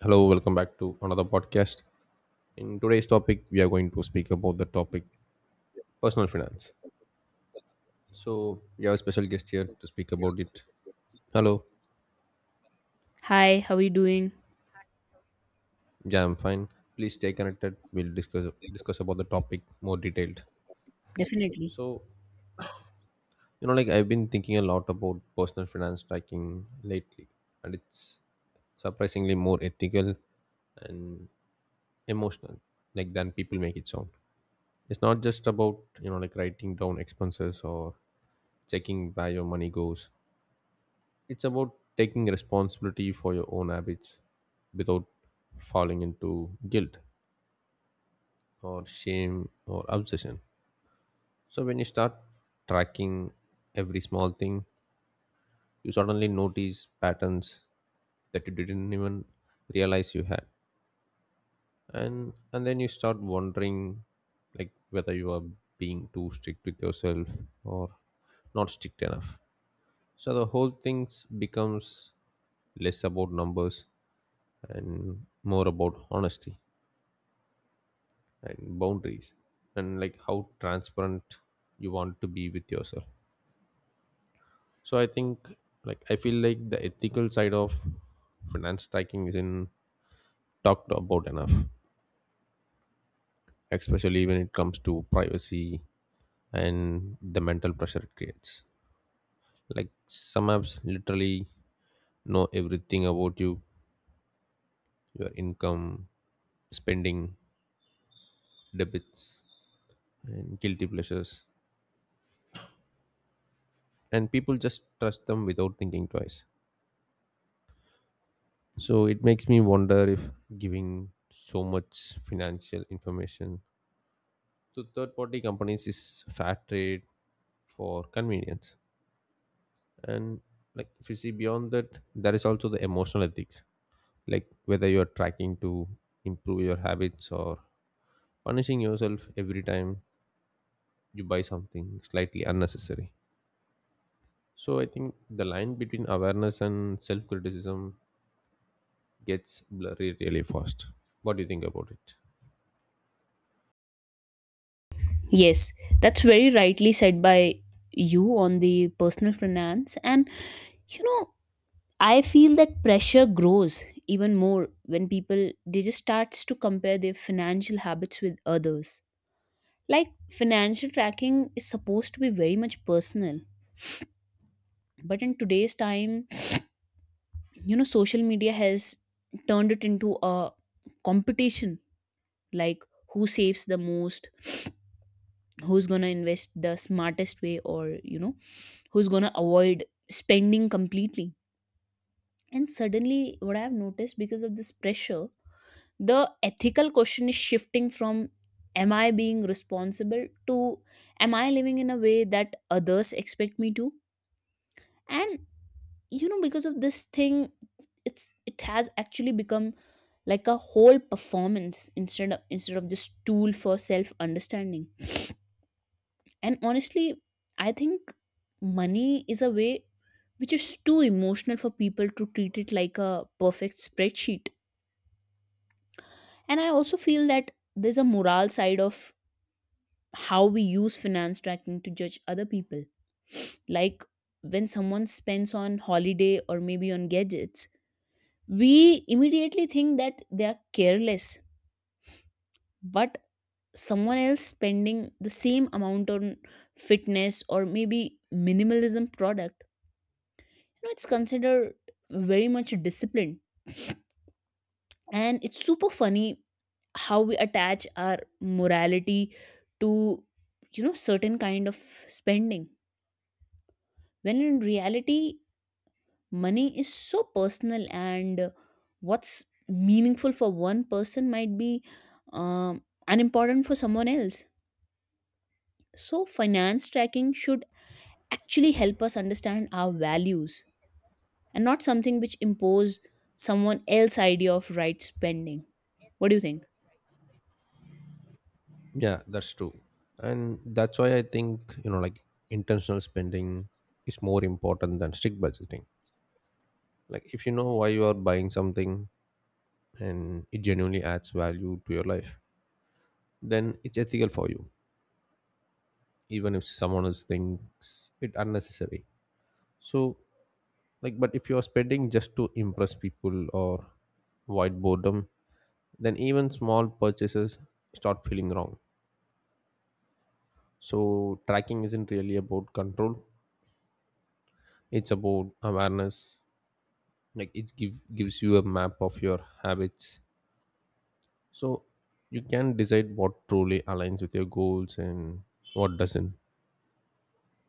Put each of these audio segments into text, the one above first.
Hello, welcome back to another podcast. In today's topic, we are going to speak about the topic personal finance. So, we have a special guest here to speak about it. Hello, Hi, how are you doing? yeah, I'm fine. Please stay connected. We'll discuss about the topic more detailed. Definitely. So, like I've been thinking a lot about personal finance tracking lately, and it's surprisingly more ethical and emotional, like, than people make it sound. It's not just about like writing down expenses or checking where your money goes. It's about taking responsibility for your own habits without falling into guilt or shame or obsession. So, when you start tracking every small thing, you suddenly notice patterns that you didn't even realize you had. And then you start wondering, like, whether you are being too strict with yourself or not strict enough. So the whole thing becomes less about numbers and more about honesty and boundaries and, like, how transparent you want to be with yourself. So I think, like, I feel like the ethical side of finance tracking isn't talked about enough, especially when it comes to privacy and the mental pressure it creates. Like, some apps literally know everything about you, your income, spending, debits, and guilty pleasures, and people just trust them without thinking twice. So it makes me wonder if giving so much financial information to third party companies is fair trade for convenience. And, like, if you see beyond that, there is also the emotional ethics, like whether you are tracking to improve your habits or punishing yourself every time you buy something slightly unnecessary. So I think the line between awareness and self criticism gets blurry really fast. What do you think about it? Yes, that's very rightly said by you on the personal finance. And, you know, I feel that pressure grows even more when people they just starts to compare their financial habits with others. Like financial tracking is supposed to be very much personal, but in today's time, social media has turned it into a competition, like who saves the most, who's going to invest the smartest way, or who's going to avoid spending completely. And suddenly, what I've noticed, because of this pressure, the ethical question is shifting from "am I being responsible" to "am I living in a way that others expect me to." And because of this thing, it has actually become like a whole performance instead of just tool for self understanding. And honestly, I think money is a way which is too emotional for people to treat it like a perfect spreadsheet. And I also feel that there's a moral side of how we use finance tracking to judge other people. Like when someone spends on holiday or maybe on gadgets, we immediately think that they are careless. But someone else spending the same amount on fitness or maybe minimalism product, you know, it's considered very much disciplined. And it's super funny how we attach our morality to, certain kind of spending, when in reality money is so personal. And what's meaningful for one person might be unimportant for someone else. So finance tracking should actually help us understand our values, and not something which impose someone else's idea of right spending. What do you think? Yeah, that's true. And that's why I think, like, intentional spending is more important than strict budgeting. Like, if you know why you are buying something and it genuinely adds value to your life, then it's ethical for you, even if someone else thinks it unnecessary. So, like, but if you are spending just to impress people or avoid boredom, then even small purchases start feeling wrong. So tracking isn't really about control. It's about awareness. Like, it gives you a map of your habits so you can decide what truly aligns with your goals and what doesn't.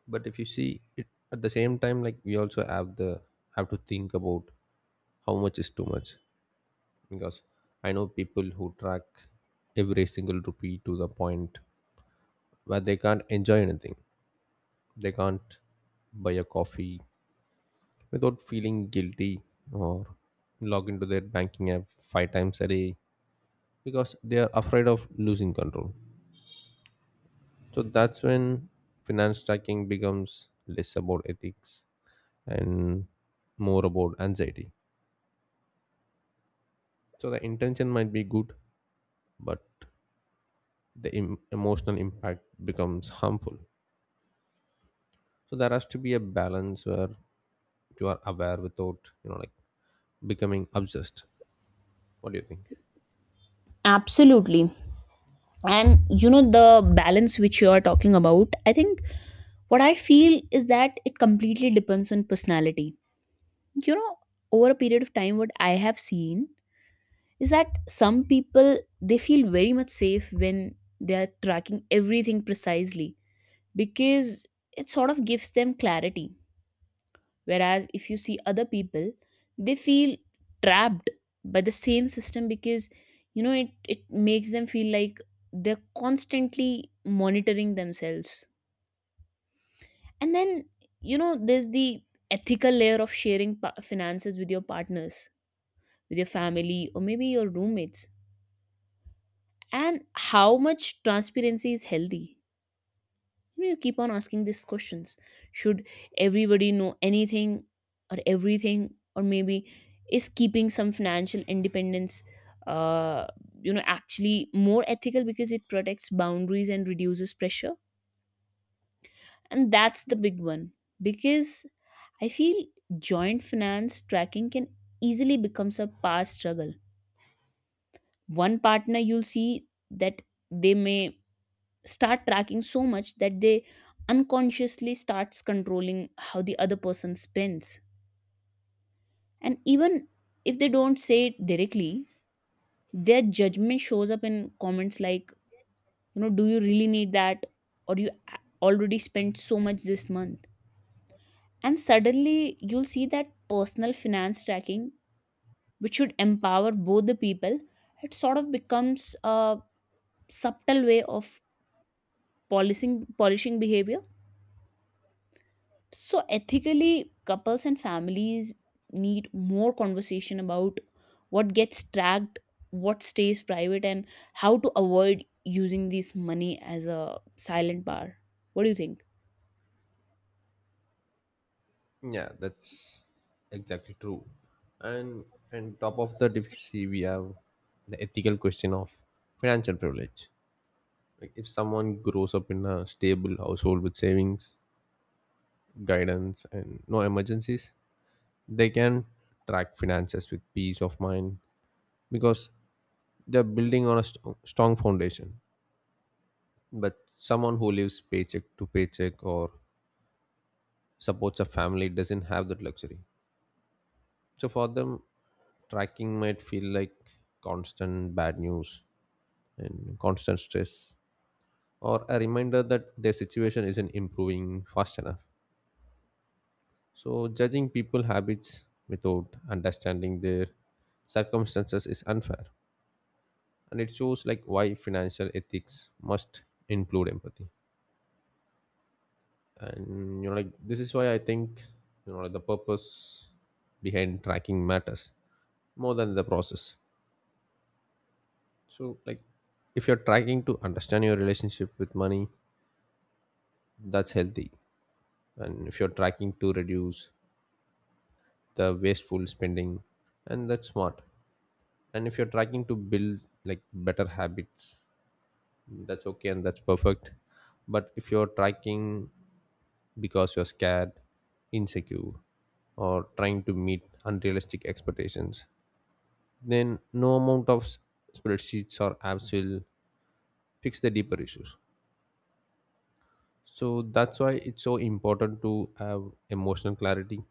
But if you see it at the same time, like, we also have to think about how much is too much, because I know people who track every single rupee to the point where they can't enjoy anything, they can't buy a coffee without feeling guilty, or log into their banking app 5 times a day because they are afraid of losing control. So that's when finance tracking becomes less about ethics and more about anxiety. So the intention might be good, but the emotional impact becomes harmful. So there has to be a balance where you are aware without, like, becoming obsessed. What do you think? Absolutely. And you know, the balance which you are talking about, I think what I feel is that it completely depends on personality. You know, over a period of time, what I have seen is that some people they feel very much safe when they are tracking everything precisely because it sort of gives them clarity. Whereas if you see other people, they feel trapped by the same system because you know, it makes them feel like they're constantly monitoring themselves. And then, you know, there's the ethical layer of sharing finances with your partners, with your family, or maybe your roommates, and how much transparency is healthy. You keep on asking these questions. Should everybody know anything or everything, or maybe is keeping some financial independence, uh, you know, actually more ethical because it protects boundaries and reduces pressure? And that's the big one because I feel joint finance tracking can easily becomes a power struggle. One partner you'll see that they may start tracking so much that they unconsciously starts controlling how the other person spends. And even if they don't say it directly, their judgment shows up in comments like, you know, "do you really need that" or "you already spent so much this month." And suddenly you'll see that personal finance tracking, which should empower both the people, it sort of becomes a subtle way of polishing behavior. So ethically, couples and families need more conversation about what gets tracked, what stays private, and how to avoid using this money as a silent bar. What do you think? Yeah, that's exactly true. And top of the difficulty we have the ethical question of financial privilege. Like, if someone grows up in a stable household with savings, guidance, and no emergencies, they can track finances with peace of mind because they're building on a strong foundation. But someone who lives paycheck to paycheck or supports a family doesn't have that luxury. So for them, tracking might feel like constant bad news and constant stress, or a reminder that their situation isn't improving fast enough. So judging people habits without understanding their circumstances is unfair, and it shows, like, why financial ethics must include empathy. And like, this is why I think, like, the purpose behind tracking matters more than the process. So, like, if you're tracking to understand your relationship with money, that's healthy. And if you're tracking to reduce the wasteful spending, and that's smart. And if you're tracking to build, like, better habits, that's okay and that's perfect. But if you're tracking because you're scared, insecure, or trying to meet unrealistic expectations, then no amount of spreadsheets or apps will fix the deeper issues. So that's why it's so important to have emotional clarity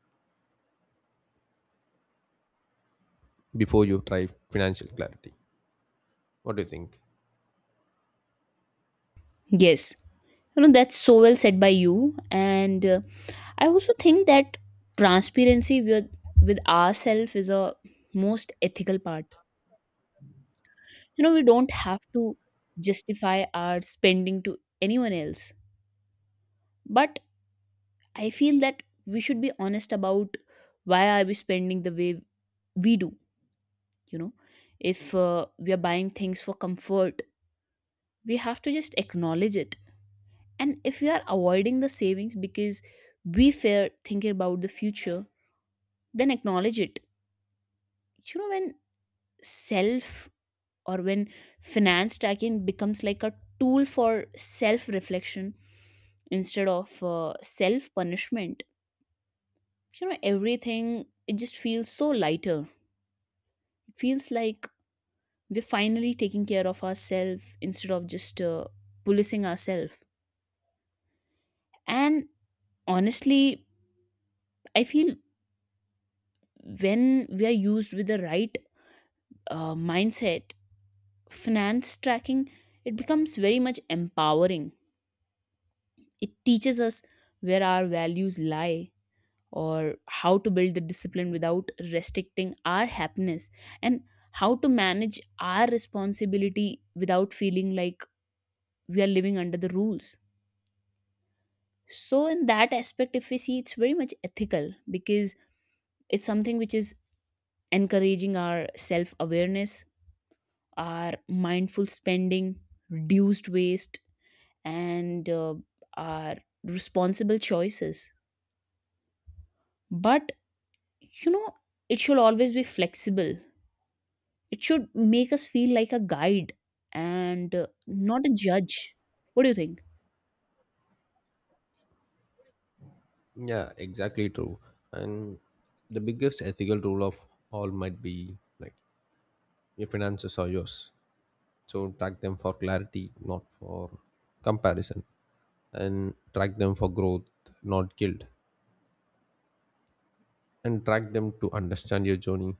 before you try financial clarity. What do you think? Yes, you know that's so well said by you. And I also think that transparency with ourselves is a most ethical part. You know, we don't have to justify our spending to anyone else, but I feel that we should be honest about why are we spending the way we do. You know, if we are buying things for comfort, we have to just acknowledge it. And if we are avoiding the savings because we fear thinking about the future, then acknowledge it. You know, when self or when finance tracking becomes like a tool for self reflection instead of self punishment, you know, everything it just feels so lighter. It feels like we're finally taking care of ourselves instead of just policing ourselves. And honestly, I feel when we are used with the right mindset, finance tracking, it becomes very much empowering. It teaches us where our values lie, or how to build the discipline without restricting our happiness, and how to manage our responsibility without feeling like we are living under the rules. So, in that aspect, if we see, it's very much ethical because it's something which is encouraging our self awareness, our mindful spending, reduced waste, and our responsible choices. But, you know, it should always be flexible. It should make us feel like a guide, and not a judge. What do you think? Yeah, exactly true. And the biggest ethical rule of all might be, like, your finances are yours. So track them for clarity, not for comparison. And track them for growth, not guilt. And track them to understand your journey,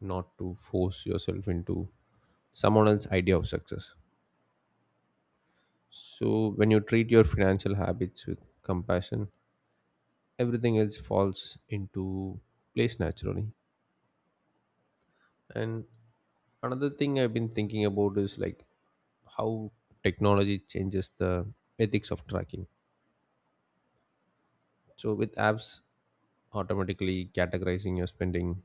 not to force yourself into someone else's idea of success. So, when you treat your financial habits with compassion, everything else falls into place naturally. And another thing I've been thinking about is, like, how technology changes the ethics of tracking. So, with apps automatically categorizing your spending,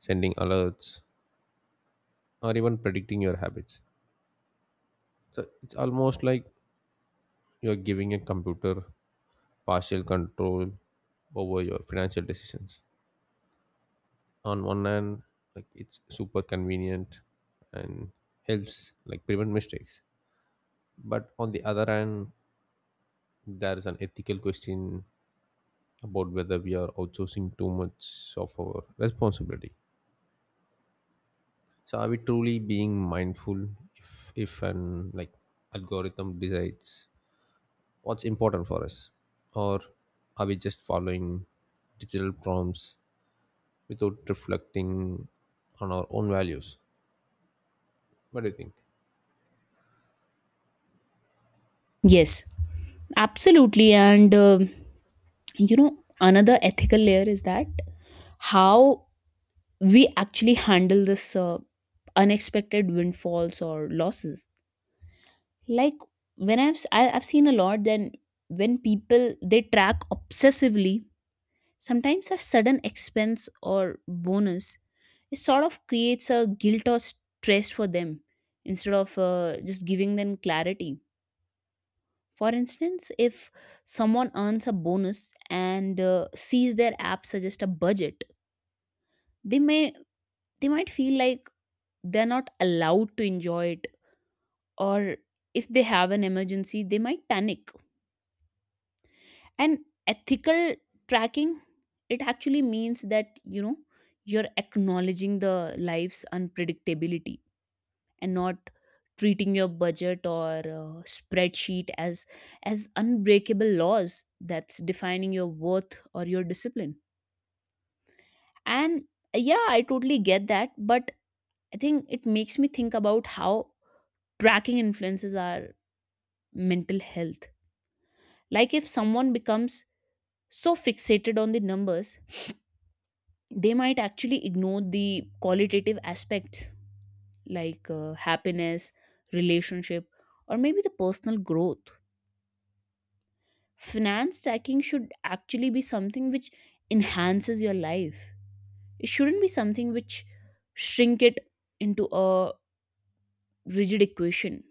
sending alerts, or even predicting your habits. So, it's almost like you're giving a computer partial control over your financial decisions. On one hand, like, it's super convenient and helps, like, prevent mistakes, but on the other hand, there is an ethical question about whether we are outsourcing too much of our responsibility. So are we truly being mindful if an, like, algorithm decides what's important for us, or are we just following digital prompts without reflecting on our own values? What do you think? Yes, absolutely. And you know, another ethical layer is that how we actually handle this unexpected windfalls or losses. Like when I've seen a lot, then when people they track obsessively, sometimes a sudden expense or bonus, it sort of creates a guilt or stress for them instead of just giving them clarity. For instance, if someone earns a bonus and sees their app suggest a budget, they may they might feel like they're not allowed to enjoy it. Or if they have an emergency they might panic. And ethical tracking, it actually means that, you know, you're acknowledging the life's unpredictability and not treating your budget or spreadsheet as unbreakable laws that's defining your worth or your discipline. And yeah, I totally get that, but I think it makes me think about how tracking influences our mental health. Like if someone becomes so fixated on the numbers, they might actually ignore the qualitative aspects, like happiness, relationship, or maybe the personal growth. Finance stacking should actually be something which enhances your life. It shouldn't be something which shrink it into a rigid equation.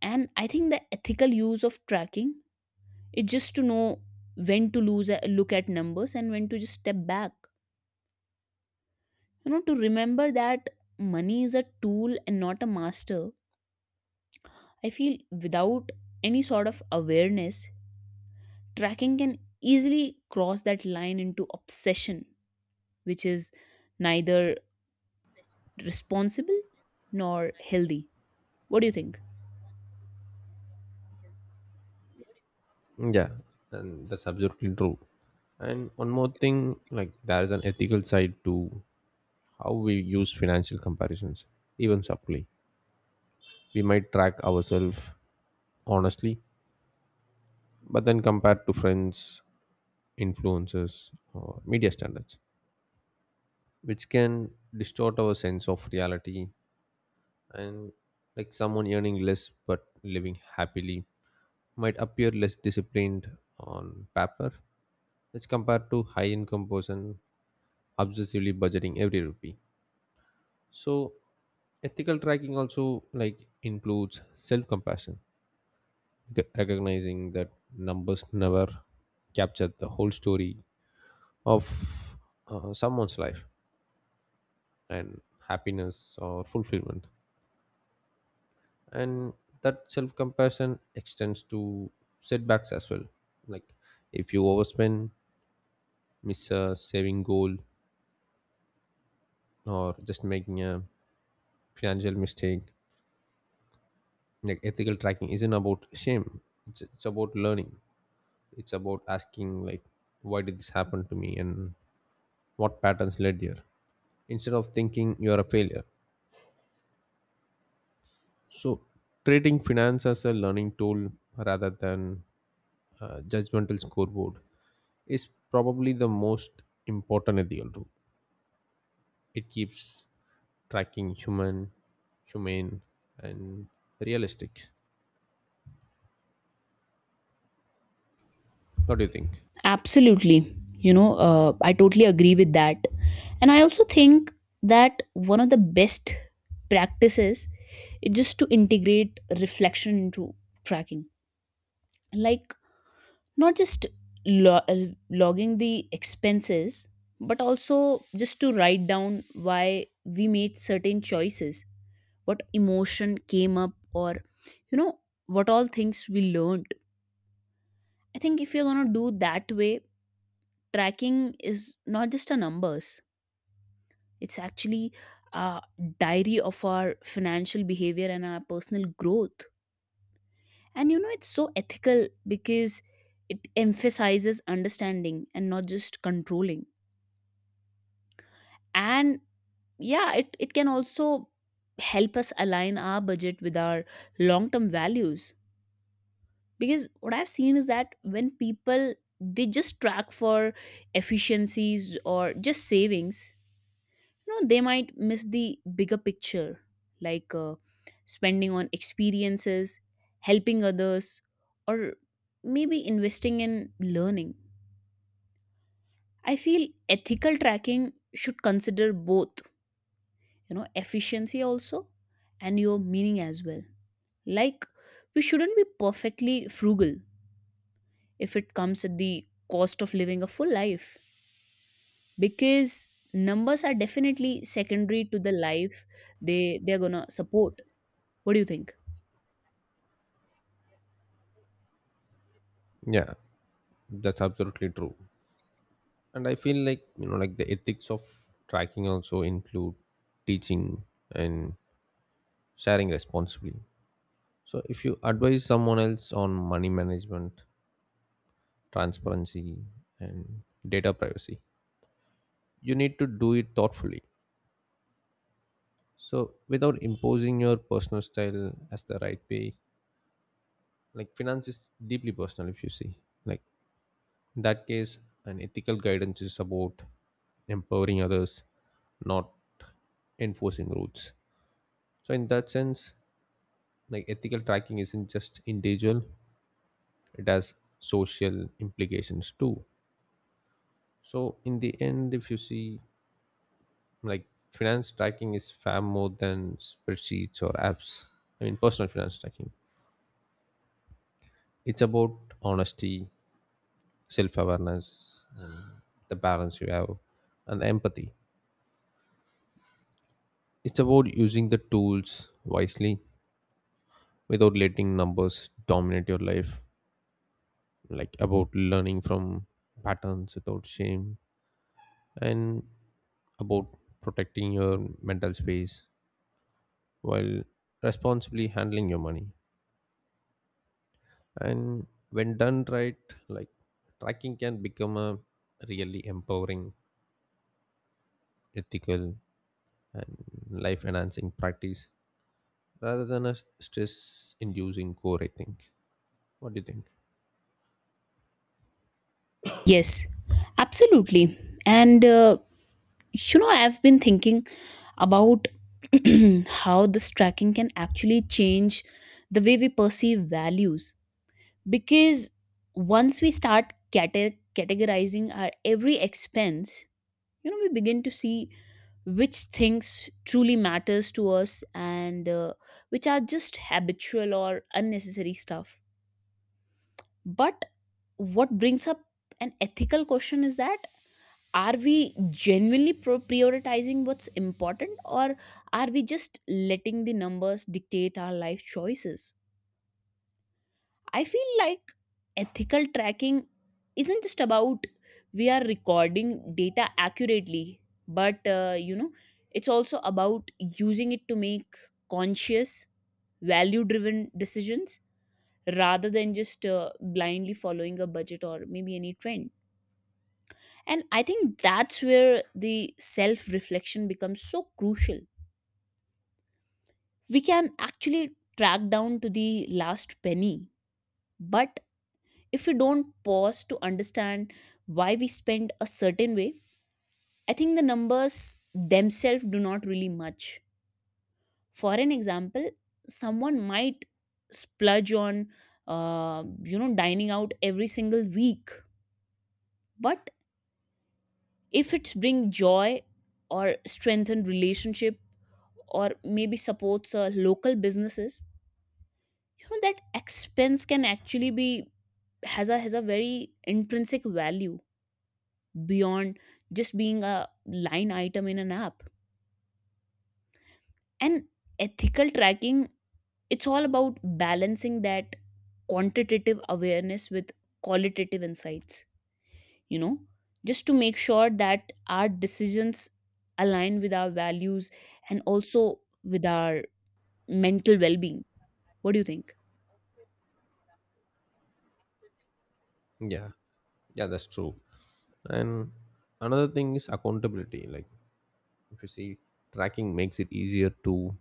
And I think the ethical use of tracking is just to know when to lose look at numbers and when to just step back, you know, to remember that money is a tool and not a master. I feel without any sort of awareness, tracking can easily cross that line into obsession, which is neither responsible nor healthy. What do you think? Yeah, and that's absolutely true. And one more thing, like, there is an ethical side to how we use financial comparisons, even subtly. We might track ourselves honestly, but then compare to friends, influencers, or media standards, which can distort our sense of reality. And, like, someone earning less but living happily might appear less disciplined on paper, which compared to high income person obsessively budgeting every rupee. So ethical tracking also, like, includes self-compassion, recognizing that numbers never capture the whole story of someone's life and happiness or fulfillment. And that self-compassion extends to setbacks as well. Like, if you overspend, miss a saving goal, or just making a financial mistake, like, ethical tracking isn't about shame. It's about learning. It's about asking, like, why did this happen to me and what patterns led here instead of thinking you're a failure. So treating finance as a learning tool rather than a judgmental scoreboard is probably the most important ethical tool. It keeps tracking human, humane, and realistic. What do you think? Absolutely. You know, I totally agree with that. And I also think that one of the best practices is just to integrate reflection into tracking. Like not just logging the expenses, but also just to write down why we made certain choices, what emotion came up, or you know, what all things we learned. I think if you're going to do that way, tracking is not just a numbers, it's actually a diary of our financial behavior and our personal growth. And you know it's so ethical because it emphasizes understanding and not just controlling. And yeah, it can also help us align our budget with our long term values, because what I've seen is that when people they just track for efficiencies or just savings, you know they might miss the bigger picture, like spending on experiences, helping others, or maybe investing in learning. I feel ethical tracking should consider both, you know, efficiency also and your meaning as well. Like, we shouldn't be perfectly frugal if it comes at the cost of living a full life, because numbers are definitely secondary to the life they're gonna support. What do you think? Yeah, that's absolutely true. And I feel like, like, the ethics of tracking also include teaching and sharing responsibly. So if you advise someone else on money management, transparency, and data privacy, you need to do it thoughtfully, so without imposing your personal style as the right way. Like, finance is deeply personal, if you see. Like, in that case, an ethical guidance is about empowering others, not enforcing rules. So in that sense, like, ethical tracking isn't just individual, it has social implications too. So in the end, if you see, like, finance tracking is far more than spreadsheets or apps. I mean personal finance tracking. It's about honesty, self-awareness, and the balance you have and the empathy. It's about using the tools wisely without letting numbers dominate your life. Like, about learning from patterns without shame and about protecting your mental space while responsibly handling your money. And when done right, like, tracking can become a really empowering, ethical, life enhancing practice rather than a stress inducing core, I think. What do you think? Yes, absolutely. And you know, I've been thinking about how this tracking can actually change the way we perceive values, because once we start categorizing our every expense, you know, we begin to see which things truly matters to us and which are just habitual or unnecessary stuff. But what brings up an ethical question is that are we genuinely prioritizing what's important, or are we just letting the numbers dictate our life choices? I feel like ethical tracking isn't just about we are recording data accurately, but you know, it's also about using it to make conscious, value driven decisions rather than just blindly following a budget or maybe any trend. And I think that's where the self reflection becomes so crucial. We can actually track down to the last penny, but if we don't pause to understand why we spend a certain way, I think the numbers themselves do not really much. For an example, someone might splurge on, dining out every single week, but if it's bring joy or strengthen relationship or maybe supports local businesses, you know that expense can actually be has a very intrinsic value beyond just being a line item in an app. And ethical tracking, it's all about balancing that quantitative awareness with qualitative insights, you know, just to make sure that our decisions align with our values and also with our mental well being. What do you think? Yeah, yeah, that's true. And another thing is accountability. Like, if you see, tracking makes it easier to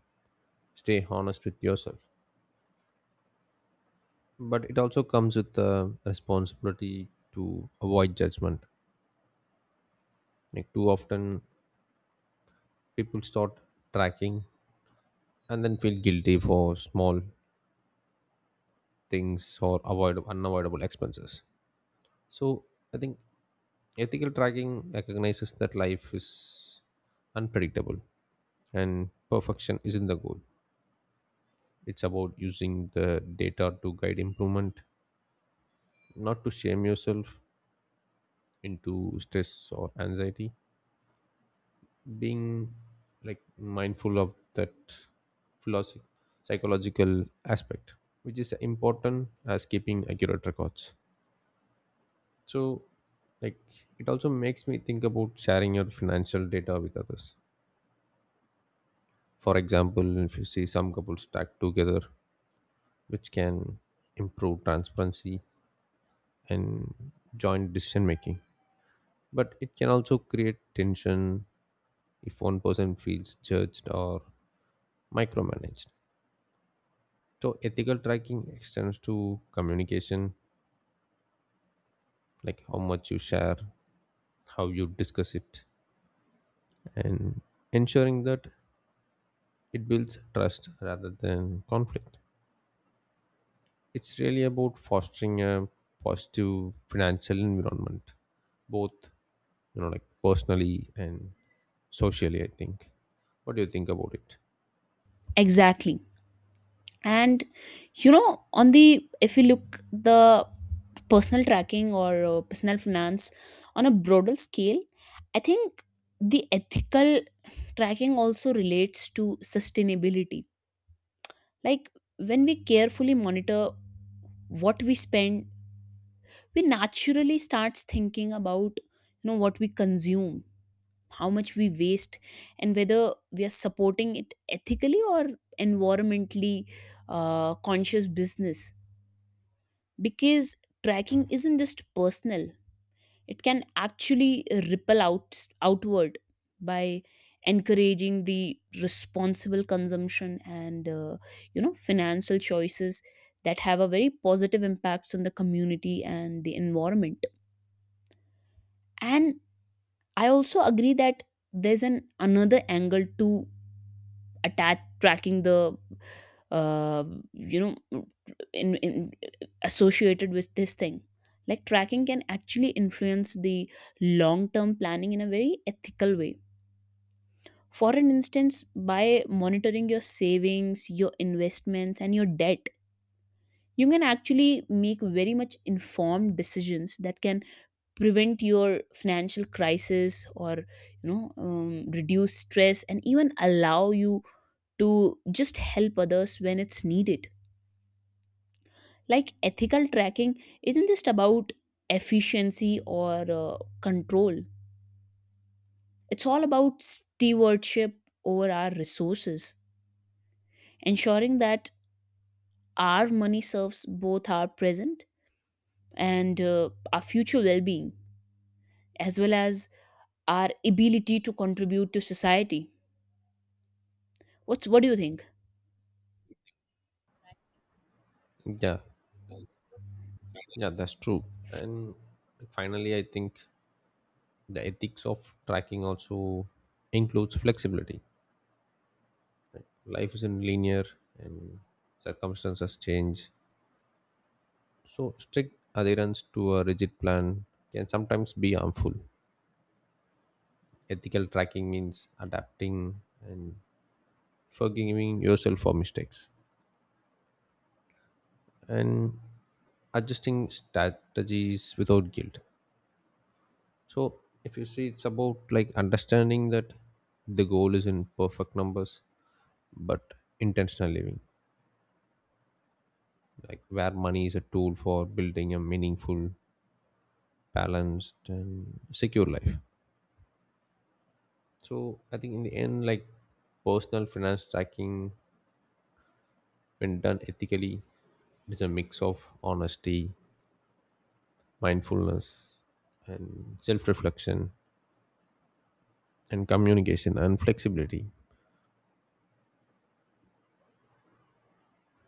stay honest with yourself, but it also comes with the responsibility to avoid judgment. Like, too often people start tracking and then feel guilty for small things or avoid unavoidable expenses. So I think ethical tracking recognizes that life is unpredictable and perfection isn't the goal. It's about using the data to guide improvement, not to shame yourself into stress or anxiety. Being, like, mindful of that philosophy, psychological aspect, which is important as keeping accurate records. So, like, it also makes me think about sharing your financial data with others. For example, if you see some couples stacked together, which can improve transparency and joint decision making, but it can also create tension if one person feels judged or micromanaged. So ethical tracking extends to communication, like how much you share, how you discuss it, and ensuring that it builds trust rather than conflict. It's really about fostering a positive financial environment, both like, personally and socially, I think. What do you think about it? Exactly. And you know, on the if you look the personal tracking or personal finance on a broader scale, I think the ethical tracking also relates to sustainability. Like when we carefully monitor what we spend, we naturally starts thinking about, you know, what we consume, how much we waste, and whether we are supporting it ethically or environmentally conscious business. Because tracking isn't just personal, it can actually ripple outward by encouraging the responsible consumption and, you know, financial choices that have a very positive impacts on the community and the environment. And I also agree that there's an another angle to attack tracking, the uh, you know in associated with this thing. Like tracking can actually influence the long term planning in a very ethical way. For an instance, by monitoring your savings, your investments, and your debt, you can actually make very much informed decisions that can prevent your financial crisis, or you know, reduce stress, and even allow you to just help others when it's needed. Like ethical tracking isn't just about efficiency or control, it's all about stewardship over our resources, ensuring that our money serves both our present and, our future well-being, as well as our ability to contribute to society. What do you think? Yeah, yeah, that's true. And finally, I think the ethics of tracking also includes flexibility. Life isn't linear and circumstances change. So, strict adherence to a rigid plan can sometimes be harmful. Ethical tracking means adapting and forgiving yourself for mistakes and adjusting strategies without guilt. So, if you see, it's about, like, understanding that the goal is in perfect numbers, but intentional living, like where money is a tool for building a meaningful, balanced, and secure life. So I think in the end, like, personal finance tracking, when done ethically, it is a mix of honesty, mindfulness, and self-reflection, and communication and flexibility.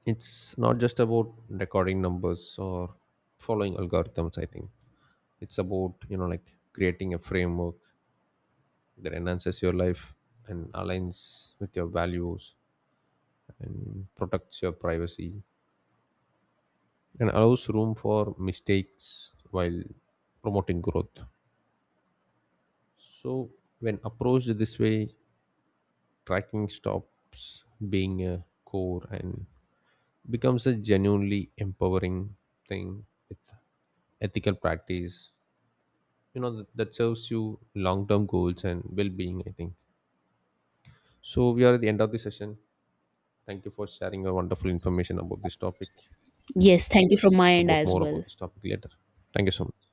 It's not just about recording numbers or following algorithms. I think it's about like creating a framework that enhances your life and aligns with your values and protects your privacy and allows room for mistakes while promoting growth. So, when approached this way, tracking stops being a core and becomes a genuinely empowering thing with ethical practice. You know that serves you long-term goals and well-being, I think. So we are at the end of the session. Thank you for sharing your wonderful information about this topic. We'll Yes, thank you from my discuss end about as more about well. this topic later. Thank you so much.